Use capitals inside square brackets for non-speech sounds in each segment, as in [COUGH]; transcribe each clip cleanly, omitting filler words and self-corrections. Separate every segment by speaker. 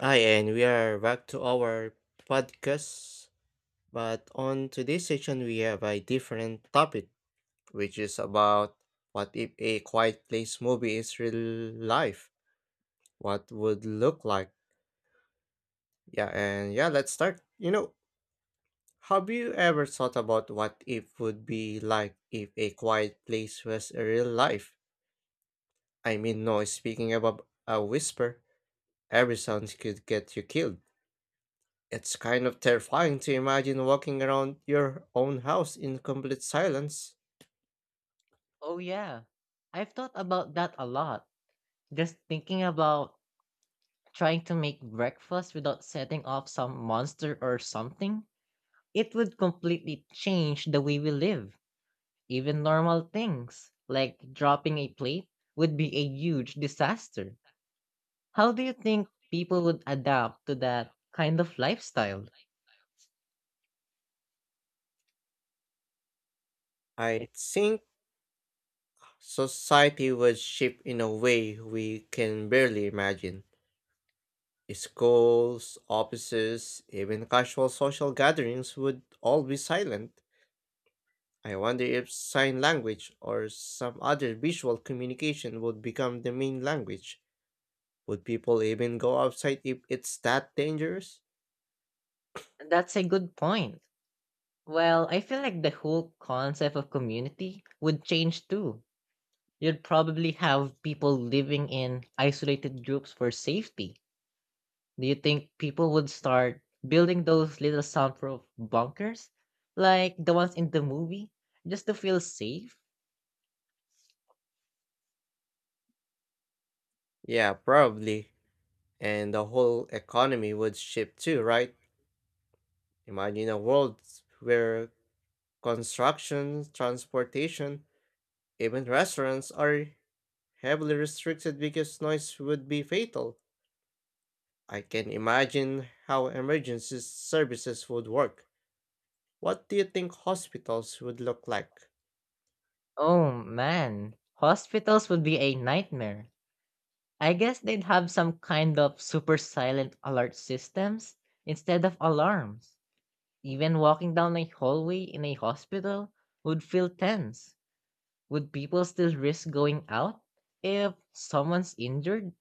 Speaker 1: Hi, and we are back to our podcast. But on today's session, we have a different topic, which is about what if a quiet place movie is real life? What would look like? Yeah, and yeah, let's start. Have you ever thought about what it would be like if a quiet place was a real life? I mean, no, speaking about a whisper, every sound could get you killed. It's kind of terrifying to imagine walking around your own house in complete silence.
Speaker 2: Oh yeah. I've thought about that a lot. Just thinking about trying to make breakfast without setting off some monster or something, it would completely change the way we live. Even normal things, like dropping a plate, would be a huge disaster. How do you think people would adapt to that kind of lifestyle?
Speaker 1: I think society would shift in a way we can barely imagine. Schools, offices, even casual social gatherings would all be silent. I wonder if sign language or some other visual communication would become the main language. Would people even go outside if it's that dangerous?
Speaker 2: That's a good point. Well, I feel like the whole concept of community would change too, you'd probably have people living in isolated groups for safety. Do you think people would start building those little soundproof bunkers like the ones in the movie just to feel safe?
Speaker 1: Yeah, probably. And the whole economy would shift too, right? Imagine a world where construction, transportation, even restaurants are heavily restricted because noise would be fatal. I can imagine how emergency services would work. What do you think hospitals would look like?
Speaker 2: Oh man, hospitals would be a nightmare. I guess they'd have some kind of super silent alert systems instead of alarms. Even walking down a hallway in a hospital would feel tense. Would people still risk going out if someone's injured?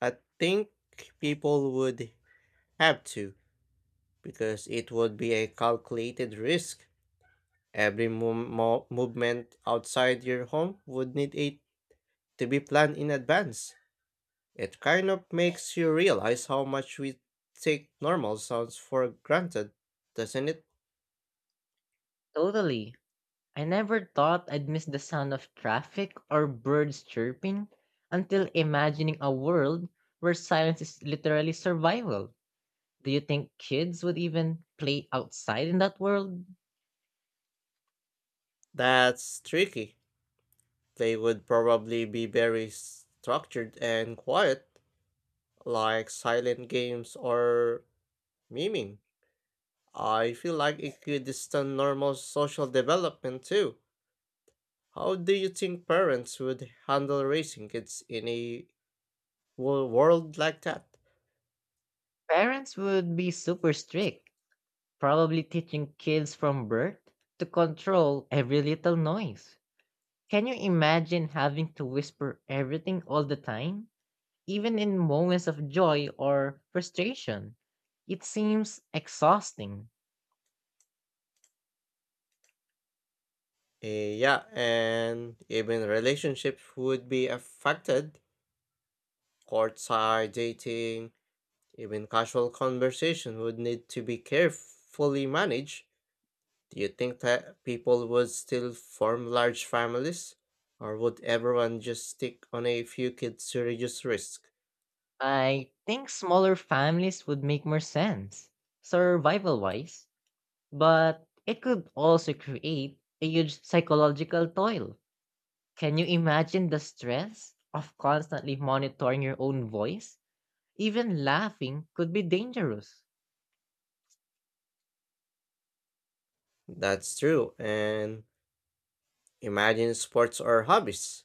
Speaker 1: I think people would have to, because it would be a calculated risk. Every movement outside your home would need a to be planned in advance. It kind of makes you realize how much we take normal sounds for granted, doesn't it?
Speaker 2: Totally. I never thought I'd miss the sound of traffic or birds chirping until imagining a world where silence is literally survival. Do you think kids would even play outside in that world?
Speaker 1: That's tricky. They would probably be very structured and quiet, like silent games or miming. I feel like it could stunt normal social development too. How do you think parents would handle raising kids in a world like that?
Speaker 2: Parents would be super strict, probably teaching kids from birth to control every little noise. Can you imagine having to whisper everything all the time? Even in moments of joy or frustration. It seems exhausting.
Speaker 1: Yeah, and even relationships would be affected. Courtside dating, even casual conversation would need to be carefully managed. Do you think that people would still form large families? Or would everyone just stick on a few kids to reduce risk?
Speaker 2: I think smaller families would make more sense, survival wise, but it could also create a huge psychological toil. Can you imagine the stress of constantly monitoring your own voice? Even laughing could be dangerous.
Speaker 1: That's true, and imagine sports or hobbies.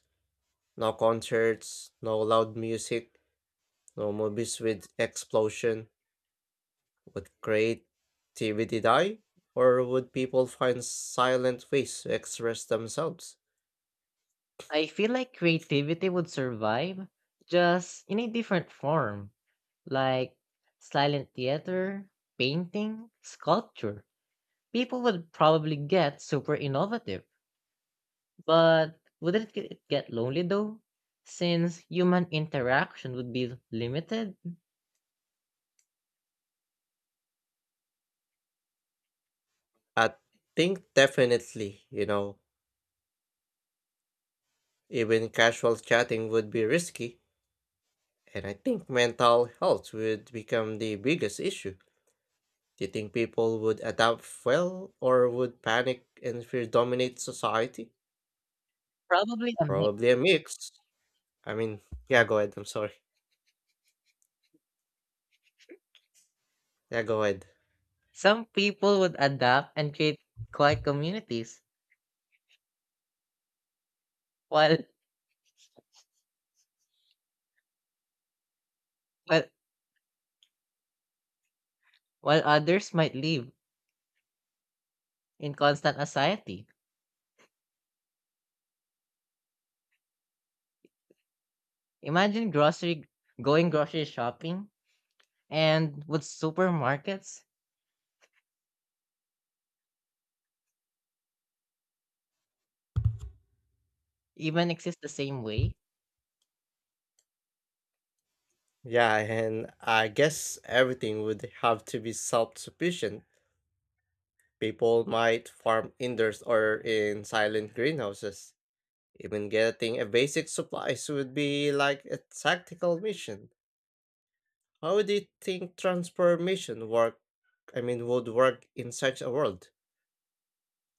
Speaker 1: No concerts, no loud music, no movies with explosion. Would creativity die? Or would people find silent ways to express themselves?
Speaker 2: I feel like creativity would survive, just in a different form. Like silent theater, painting, sculpture. People would probably get super innovative, but wouldn't it get lonely though? Since human interaction would be limited,
Speaker 1: I think definitely, even casual chatting would be risky. And I think mental health would become the biggest issue. Do you think people would adapt well or would panic and fear dominate society?
Speaker 2: probably a mix.
Speaker 1: Probably a mix. I mean, yeah, go ahead. I'm sorry. Yeah, go ahead.
Speaker 2: Some people would adapt and create quiet communities, while while, while others might live in constant anxiety. Imagine grocery going grocery shopping, and would supermarkets even exist the same way?
Speaker 1: Yeah, and I guess everything would have to be self-sufficient. People might farm indoors or in silent greenhouses. Even getting a basic supplies would be like a tactical mission. How do you think transformation work? Would work in such a world?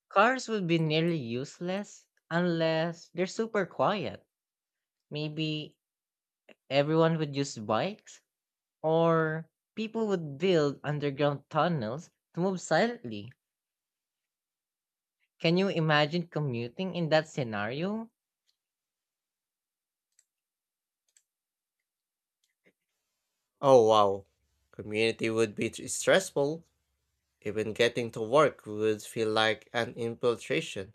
Speaker 2: Cars would be nearly useless unless they're super quiet. Maybe everyone would use bikes, or people would build underground tunnels to move silently. Can you imagine commuting in that scenario?
Speaker 1: Oh wow, community would be stressful. Even getting to work would feel like an infiltration.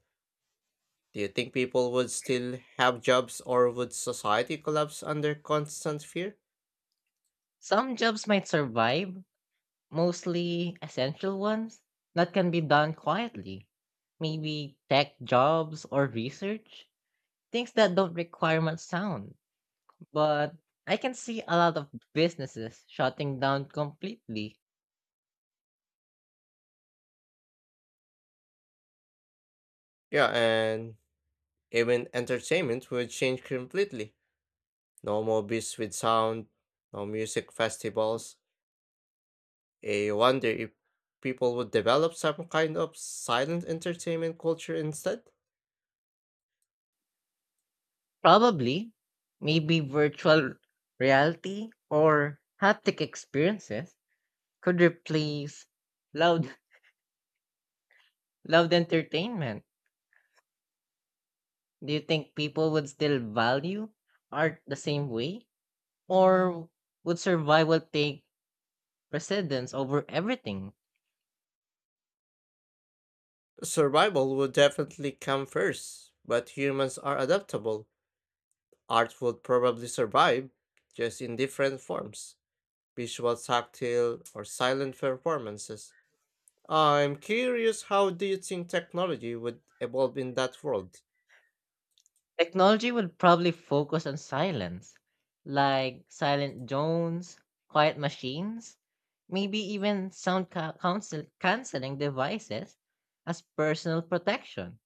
Speaker 1: Do you think people would still have jobs or would society collapse under constant fear?
Speaker 2: Some jobs might survive, mostly essential ones that can be done quietly. Maybe tech jobs or research, things that don't require much sound. But I can see a lot of businesses shutting down completely.
Speaker 1: Yeah, and even entertainment would change completely. No more beasts with sound, no music festivals. I wonder if people would develop some kind of silent entertainment culture instead.
Speaker 2: Probably, maybe virtual reality or haptic experiences could replace loud [LAUGHS] loud entertainment. Do you think people would still value art the same way? Or would survival take precedence over everything?
Speaker 1: Survival would definitely come first, but humans are adaptable. Art would probably survive, just in different forms, visual, tactile, or silent performances. I'm curious, how do you think technology would evolve in that world?
Speaker 2: Technology would probably focus on silence, like silent drones, quiet machines, maybe even sound canceling devices as personal protection.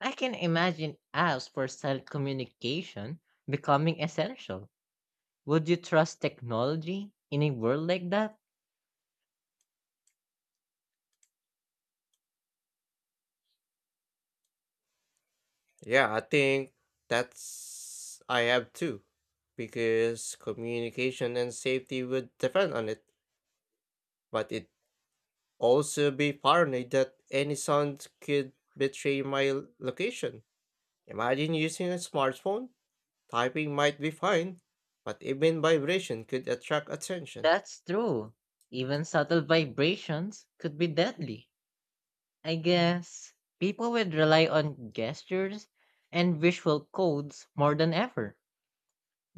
Speaker 2: I can imagine apps for silent communication becoming essential. Would you trust technology in a world like that?
Speaker 1: Yeah, I think that's I have too, because communication and safety would depend on it, but it also be paranoid that any sound could betray my location. Imagine using a smartphone, typing might be fine, but even vibration could attract attention.
Speaker 2: That's true. Even subtle vibrations could be deadly. I guess people would rely on gestures and visual codes more than ever.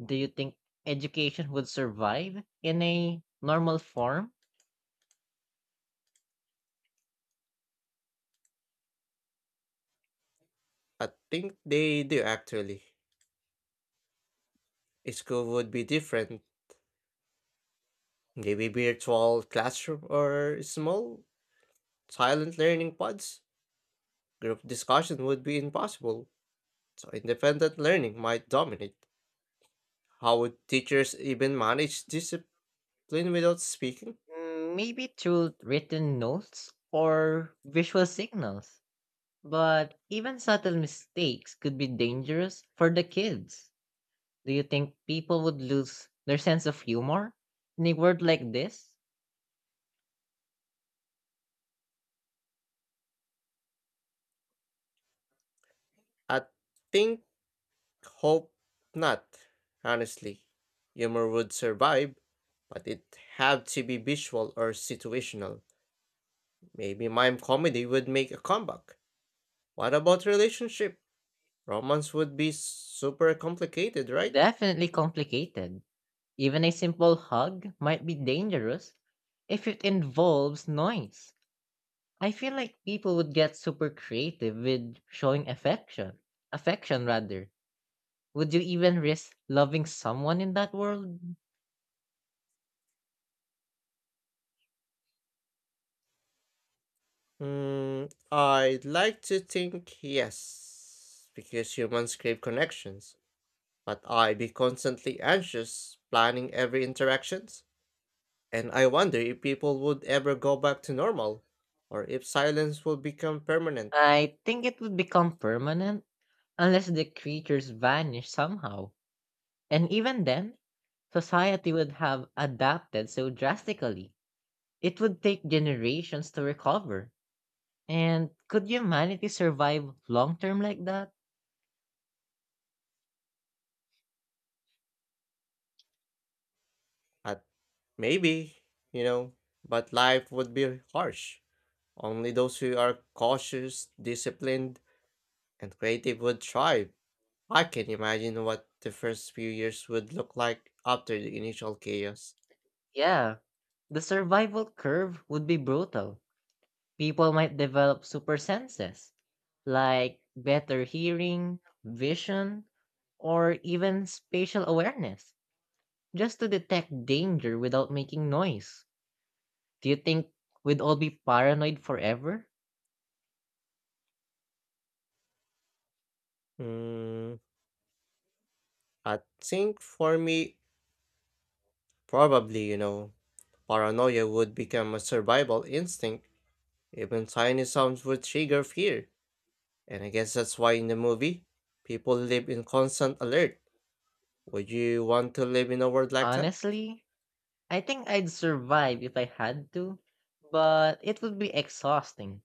Speaker 2: Do you think education would survive in a normal form?
Speaker 1: I think they do actually. School would be different. Maybe virtual classroom or small silent learning pods. Group discussion would be impossible, so independent learning might dominate. How would teachers even manage discipline without speaking?
Speaker 2: Mm, maybe through written notes or visual signals. But even subtle mistakes could be dangerous for the kids. Do you think people would lose their sense of humor in a word like this?
Speaker 1: I think hope not, honestly. Humor would survive, but it have to be visual or situational. Maybe mime comedy would make a comeback. What about relationship? Romance would be super complicated, right?
Speaker 2: Definitely complicated. Even a simple hug might be dangerous if it involves noise. I feel like people would get super creative with showing affection. Affection, rather. Would you even risk loving someone in that world?
Speaker 1: Mm, I'd like to think yes, because humans crave connections, but I'd be constantly anxious, planning every interactions, and I wonder if people would ever go back to normal, or if silence would become permanent.
Speaker 2: I think it would become permanent unless the creatures vanish somehow. And even then, society would have adapted so drastically. It would take generations to recover. And could humanity survive long term like that?
Speaker 1: At maybe, you know, but life would be harsh. Only those who are cautious, disciplined, and creative would thrive. I can imagine what the first few years would look like after the initial chaos.
Speaker 2: Yeah, the survival curve would be brutal. People might develop super senses, like better hearing, vision, or even spatial awareness, just to detect danger without making noise. Do you think we'd all be paranoid forever?
Speaker 1: Mm, I think for me, probably, paranoia would become a survival instinct. Even tiny sounds would trigger fear. And I guess that's why in the movie, people live in constant alert. Would you want to live in a world like that?
Speaker 2: Honestly, I think I'd survive if I had to, but it would be exhausting.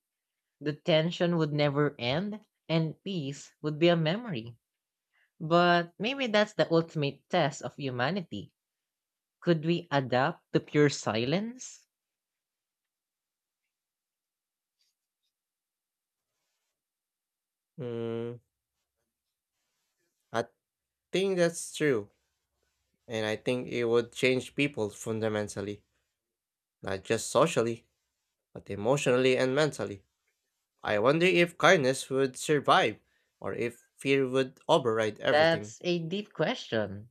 Speaker 2: The tension would never end, and peace would be a memory. But maybe that's the ultimate test of humanity. Could we adapt to pure silence?
Speaker 1: Mm, I think that's true. And I think it would change people fundamentally, not just socially, but emotionally and mentally. I wonder if kindness would survive, or if fear would override everything.
Speaker 2: That's a deep question.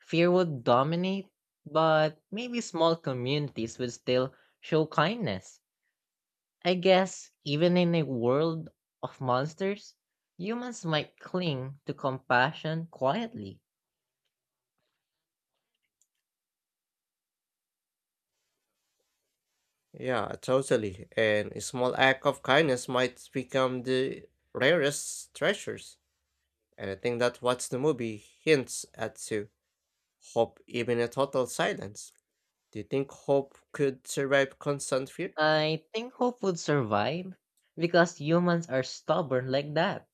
Speaker 2: Fear would dominate, but maybe small communities would still show kindness. I guess even in a world of monsters, humans might cling to compassion quietly.
Speaker 1: Yeah, totally. And a small act of kindness might become the rarest treasures. And I think that's what the movie hints at too. Hope even a total silence. Do you think hope could survive constant fear?
Speaker 2: I think hope would survive because humans are stubborn like that.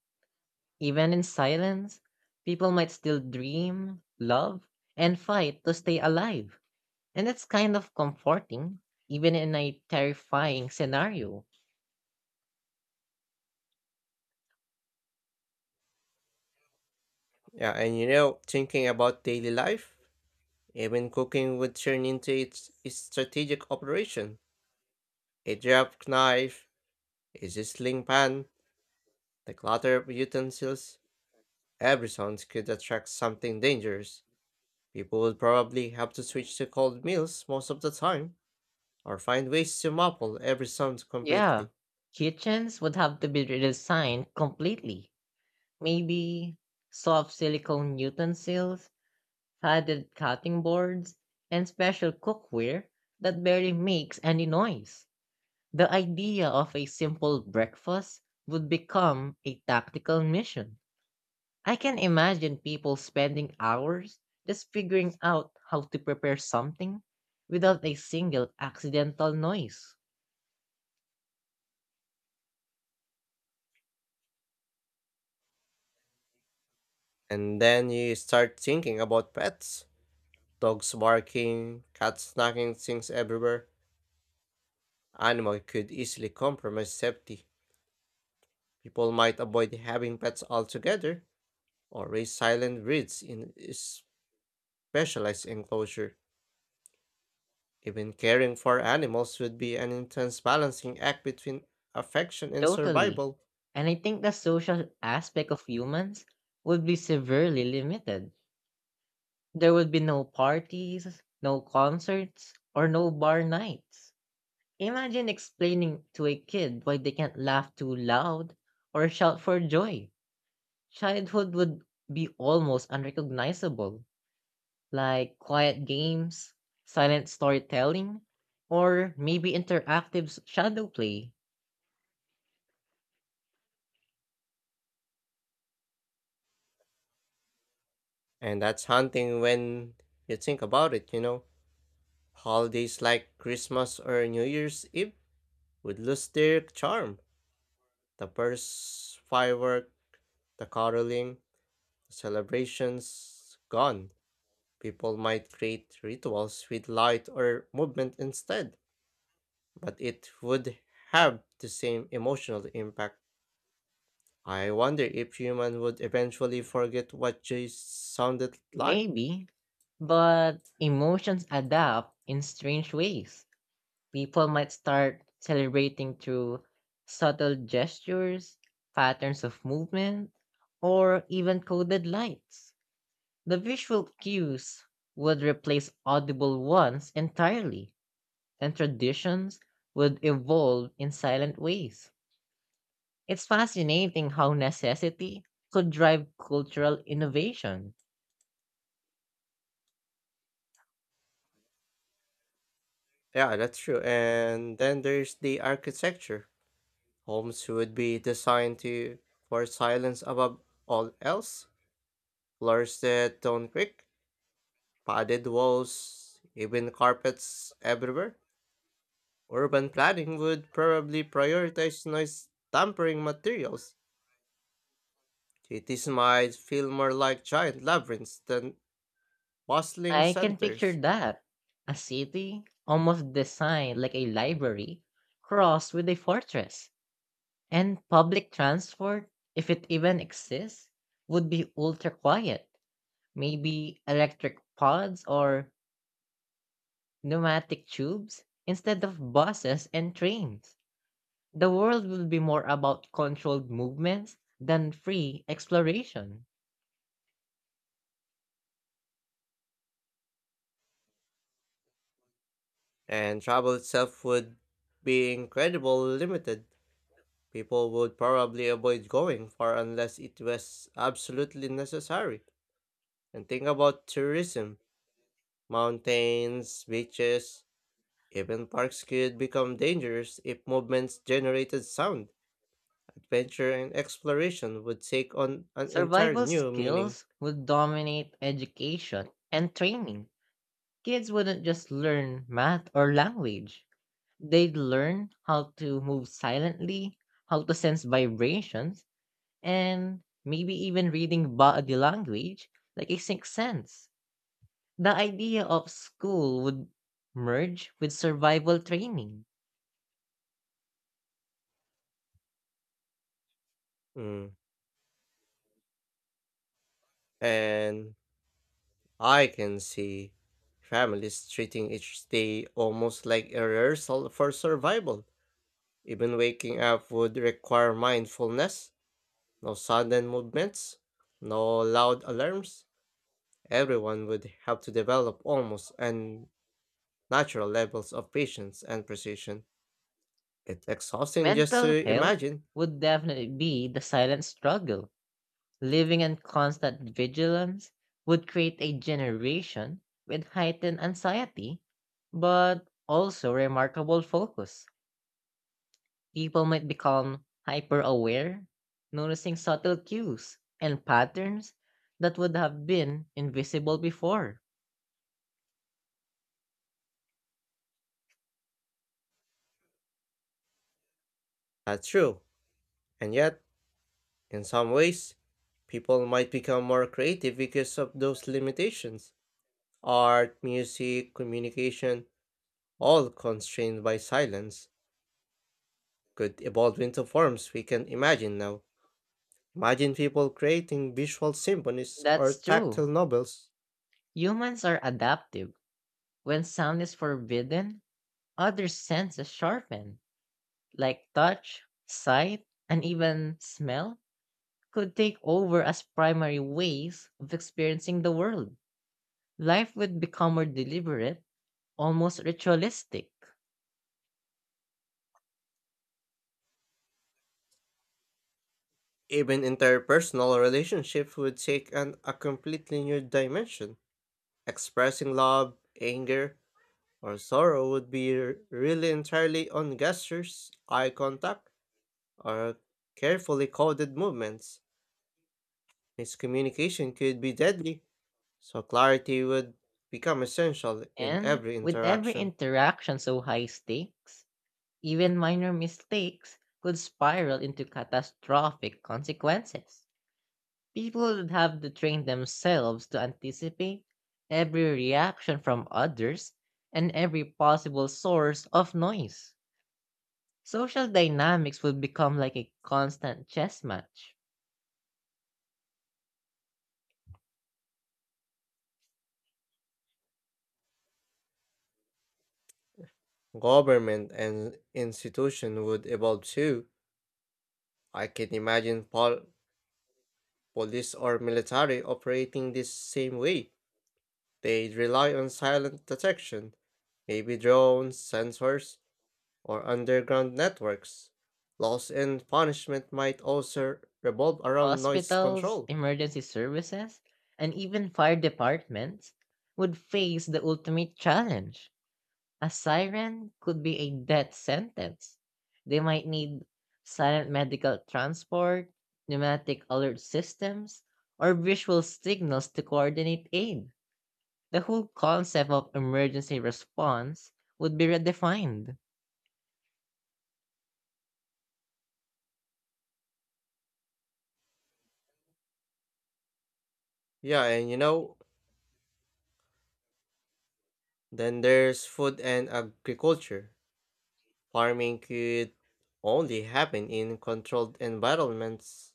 Speaker 2: Even in silence, people might still dream, love, and fight to stay alive. And that's kind of comforting, even in a terrifying scenario.
Speaker 1: Yeah, and thinking about daily life, even cooking would turn into its strategic operation. A sharp knife, a sizzling pan, the clutter of utensils, every sound could attract something dangerous. People would probably have to switch to cold meals most of the time, or find ways to muffle every sound
Speaker 2: Yeah,
Speaker 1: completely.
Speaker 2: kitchens would have to be redesigned completely. Maybe soft silicone utensils, padded cutting boards, and special cookware that barely makes any noise. The idea of a simple breakfast would become a tactical mission. I can imagine people spending hours just figuring out how to prepare something without a single accidental noise.
Speaker 1: And then you start thinking about pets. Dogs barking, cats knocking things everywhere. Animal could easily compromise safety. People might avoid having pets altogether, or raise silent breeds in a specialized enclosure. Even caring for animals would be an intense balancing act between affection and
Speaker 2: Totally.
Speaker 1: survival.
Speaker 2: And I think the social aspect of humans would be severely limited. There would be no parties, no concerts, or no bar nights. Imagine explaining to a kid why they can't laugh too loud or shout for joy. Childhood would be almost unrecognizable. Like quiet games, silent storytelling, or maybe interactive shadow play.
Speaker 1: And that's haunting when you think about it. Holidays like Christmas or New Year's Eve would lose their charm. The bursts, firework, the caroling, the celebrations, gone. People might create rituals with light or movement instead, but it would have the same emotional impact. I wonder if human would eventually forget what joy sounded like.
Speaker 2: Maybe. But emotions adapt in strange ways. People might start celebrating through subtle gestures, patterns of movement, or even coded lights. The visual cues would replace audible ones entirely, and traditions would evolve in silent ways. It's fascinating how necessity could drive cultural innovation.
Speaker 1: Yeah, that's true. And then there's the architecture. Homes would be designed to for silence above all else, floors that don't creak, padded walls, even carpets everywhere. Urban planning would probably prioritize noise tampering materials. Cities might feel more like giant labyrinths than bustling
Speaker 2: I can picture
Speaker 1: centers,
Speaker 2: that. A city almost designed like a library crossed with a fortress. And public transport, if it even exists, would be ultra quiet. Maybe electric pods or pneumatic tubes instead of buses and trains. The world will be more about controlled movements than free exploration.
Speaker 1: and travel itself would be incredibly limited. People would probably avoid going far unless it was absolutely necessary. And think about tourism. Mountains, beaches, even parks could become dangerous if movements generated sound. Adventure and exploration would take on an entire
Speaker 2: Survival
Speaker 1: new meaning.
Speaker 2: skills would dominate education and training. Kids wouldn't just learn math or language. They'd learn how to move silently, how to sense vibrations, and maybe even reading body language like a sixth sense. The idea of school would merge with survival training.
Speaker 1: Mm. And I can see families treating each day almost like a rehearsal for survival. Even waking up would require mindfulness, no sudden movements, no loud alarms. Everyone would have to develop almost an natural levels of patience and precision. It's exhausting just
Speaker 2: Mental
Speaker 1: to
Speaker 2: health
Speaker 1: imagine.
Speaker 2: would definitely be the silent struggle. Living in constant vigilance would create a generation with heightened anxiety, but also remarkable focus. People might become hyper aware, noticing subtle cues and patterns that would have been invisible before.
Speaker 1: That's true. And yet, in some ways, people might become more creative because of those limitations. Art, music, communication, all constrained by silence, could evolve into forms we can imagine now. Imagine people creating visual symphonies or
Speaker 2: That's true.
Speaker 1: tactile novels.
Speaker 2: Humans are adaptive. When sound is forbidden, other senses sharpen, like touch, sight, and even smell could take over as primary ways of experiencing the world. Life would become more deliberate, almost ritualistic.
Speaker 1: Even interpersonal relationships would take an, a completely new dimension. Expressing love, anger, or sorrow would be really entirely on gestures, eye contact, or carefully coded movements. Miscommunication could be deadly, so clarity would become essential in
Speaker 2: And
Speaker 1: every
Speaker 2: with every
Speaker 1: interaction.
Speaker 2: interaction so high stakes, even minor mistakes could spiral into catastrophic consequences. People would have to train themselves to anticipate every reaction from others and every possible source of noise. Social dynamics would become like a constant chess match.
Speaker 1: Government and institution would evolve too. I can imagine police or military operating this same way. They rely on silent detection, maybe drones, sensors, or underground networks. Laws and punishment might also revolve around noise
Speaker 2: Hospitals,
Speaker 1: control.
Speaker 2: emergency services, and even fire departments would face the ultimate challenge. A siren could be a death sentence. They might need silent medical transport, pneumatic alert systems, or visual signals to coordinate aid. The whole concept of emergency response would be redefined.
Speaker 1: Yeah, and then there's food and agriculture. Farming could only happen in controlled environments,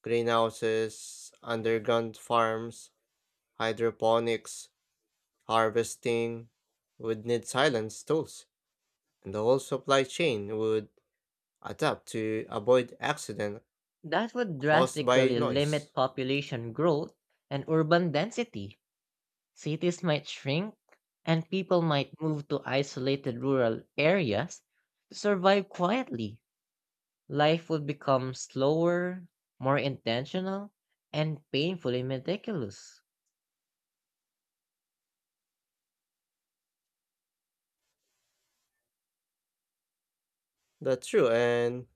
Speaker 1: greenhouses, underground farms, hydroponics, harvesting would need silence tools, and the whole supply chain would adapt to avoid accident
Speaker 2: That would
Speaker 1: caused by
Speaker 2: drastically
Speaker 1: noise.
Speaker 2: limit population growth and urban density. Cities might shrink, and people might move to isolated rural areas to survive quietly. Life would become slower, more intentional, and painfully meticulous.
Speaker 1: That's true. And,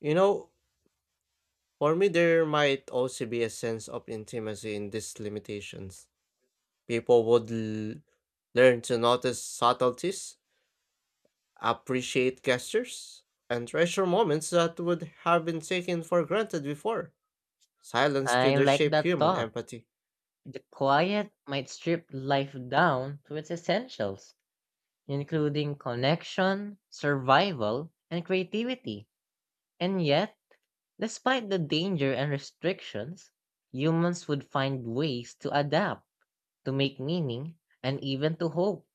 Speaker 1: you know, for me, there might also be a sense of intimacy in these limitations. People would learn to notice subtleties, appreciate gestures, and treasure moments that would have been taken for granted before. Silence
Speaker 2: I
Speaker 1: could
Speaker 2: like
Speaker 1: reshape
Speaker 2: that
Speaker 1: human
Speaker 2: thought.
Speaker 1: empathy,
Speaker 2: The quiet might strip life down to its essentials, including connection, survival, and creativity. And yet, despite the danger and restrictions, humans would find ways to adapt, to make meaning, and even to hope.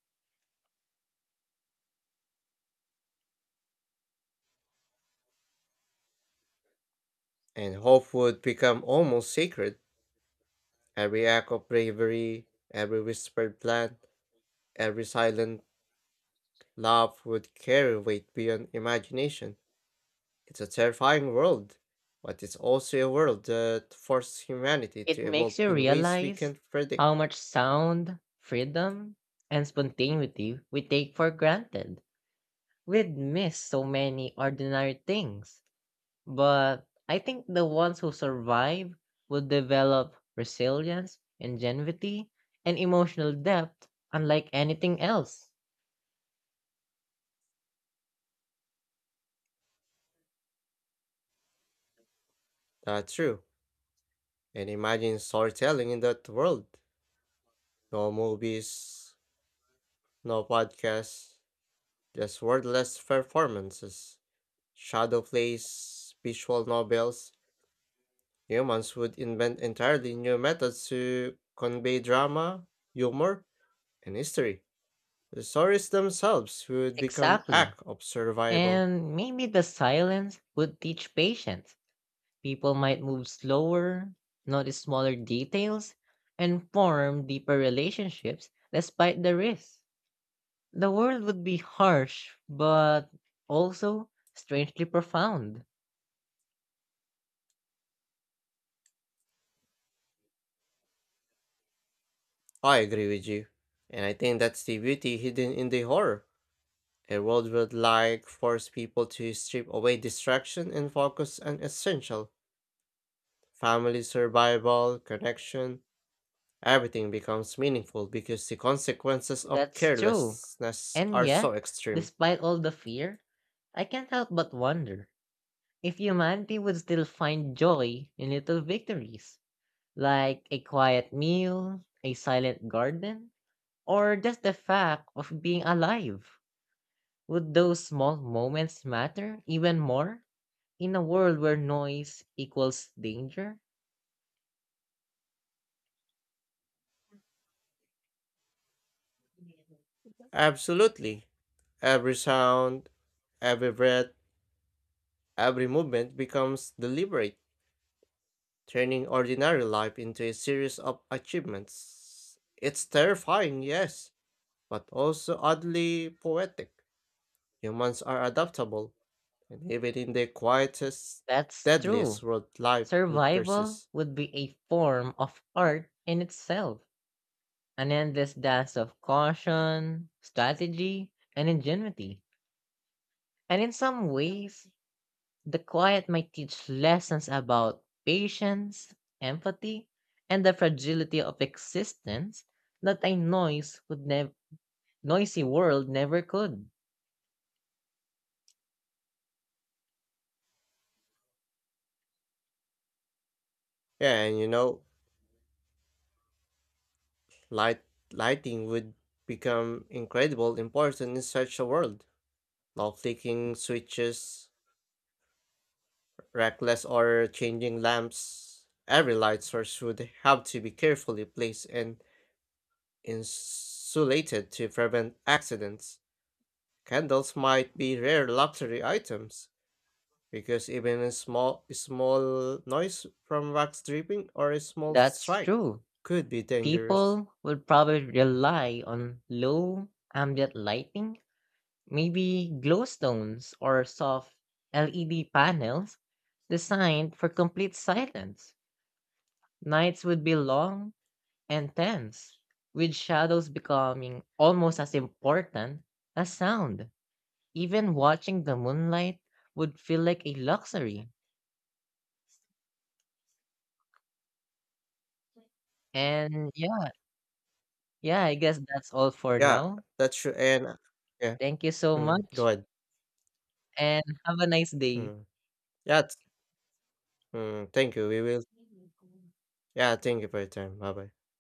Speaker 1: and hope would become almost sacred. Every act of bravery, every whispered plan, every silent laugh would carry weight beyond imagination. It's a terrifying world, but it's also a world that forces humanity to
Speaker 2: It makes
Speaker 1: evolve
Speaker 2: you
Speaker 1: in ways we
Speaker 2: realize
Speaker 1: can't
Speaker 2: how
Speaker 1: predict.
Speaker 2: much sound, freedom, and spontaneity we take for granted. We'd miss so many ordinary things. But I think the ones who survive will develop resilience, ingenuity, and emotional depth unlike anything else.
Speaker 1: That's true. And imagine storytelling in that world. No movies, no podcasts, just wordless performances, shadow plays, visual novels. Humans would invent entirely new methods to convey drama, humor, and history. The stories themselves would become
Speaker 2: Exactly.
Speaker 1: act of survival.
Speaker 2: And maybe the silence would teach patience. People might move slower, notice smaller details, and form deeper relationships despite the risks. The world would be harsh, but also strangely profound.
Speaker 1: I agree with you. And I think that's the beauty hidden in the horror. A world would like force people to strip away distraction and focus on essential. Family survival, connection, everything becomes meaningful because the consequences of
Speaker 2: That's true.
Speaker 1: carelessness
Speaker 2: And
Speaker 1: are so
Speaker 2: yet,
Speaker 1: extreme.
Speaker 2: despite all the fear, I can't help but wonder if humanity would still find joy in little victories, like a quiet meal, a silent garden, or just the fact of being alive. Would those small moments matter even more? In a world where noise equals danger?
Speaker 1: Absolutely. Every sound, every breath, every movement becomes deliberate, turning ordinary life into a series of achievements. It's terrifying, yes, but also oddly poetic. Humans are adaptable, and even in the quietest,
Speaker 2: That's
Speaker 1: deadliest
Speaker 2: true.
Speaker 1: world, life would
Speaker 2: Survival
Speaker 1: persist.
Speaker 2: would be a form of art in itself, an endless dance of caution, strategy, and ingenuity. And in some ways, the quiet might teach lessons about patience, empathy, and the fragility of existence that a noise would noisy world never could.
Speaker 1: Yeah, and light lighting would become incredibly important in such a world. Low flicking switches, reckless or changing lamps. Every light source would have to be carefully placed and insulated to prevent accidents. Candles might be rare luxury items, because even a small noise from wax dripping or a small
Speaker 2: That's
Speaker 1: strike
Speaker 2: true.
Speaker 1: could be dangerous.
Speaker 2: People will probably rely on low ambient lighting, maybe glowstones or soft LED panels designed for complete silence. Nights would be long and tense, with shadows becoming almost as important as sound. Even watching the moonlight would feel like a luxury. And yeah, yeah, I guess that's all for
Speaker 1: Yeah,
Speaker 2: now.
Speaker 1: that's true. And yeah,
Speaker 2: Thank you so
Speaker 1: mm, go
Speaker 2: much.
Speaker 1: ahead.
Speaker 2: And have a nice day.
Speaker 1: Mm, yeah, mm, thank you. We will. Yeah, thank you for your time. Bye bye.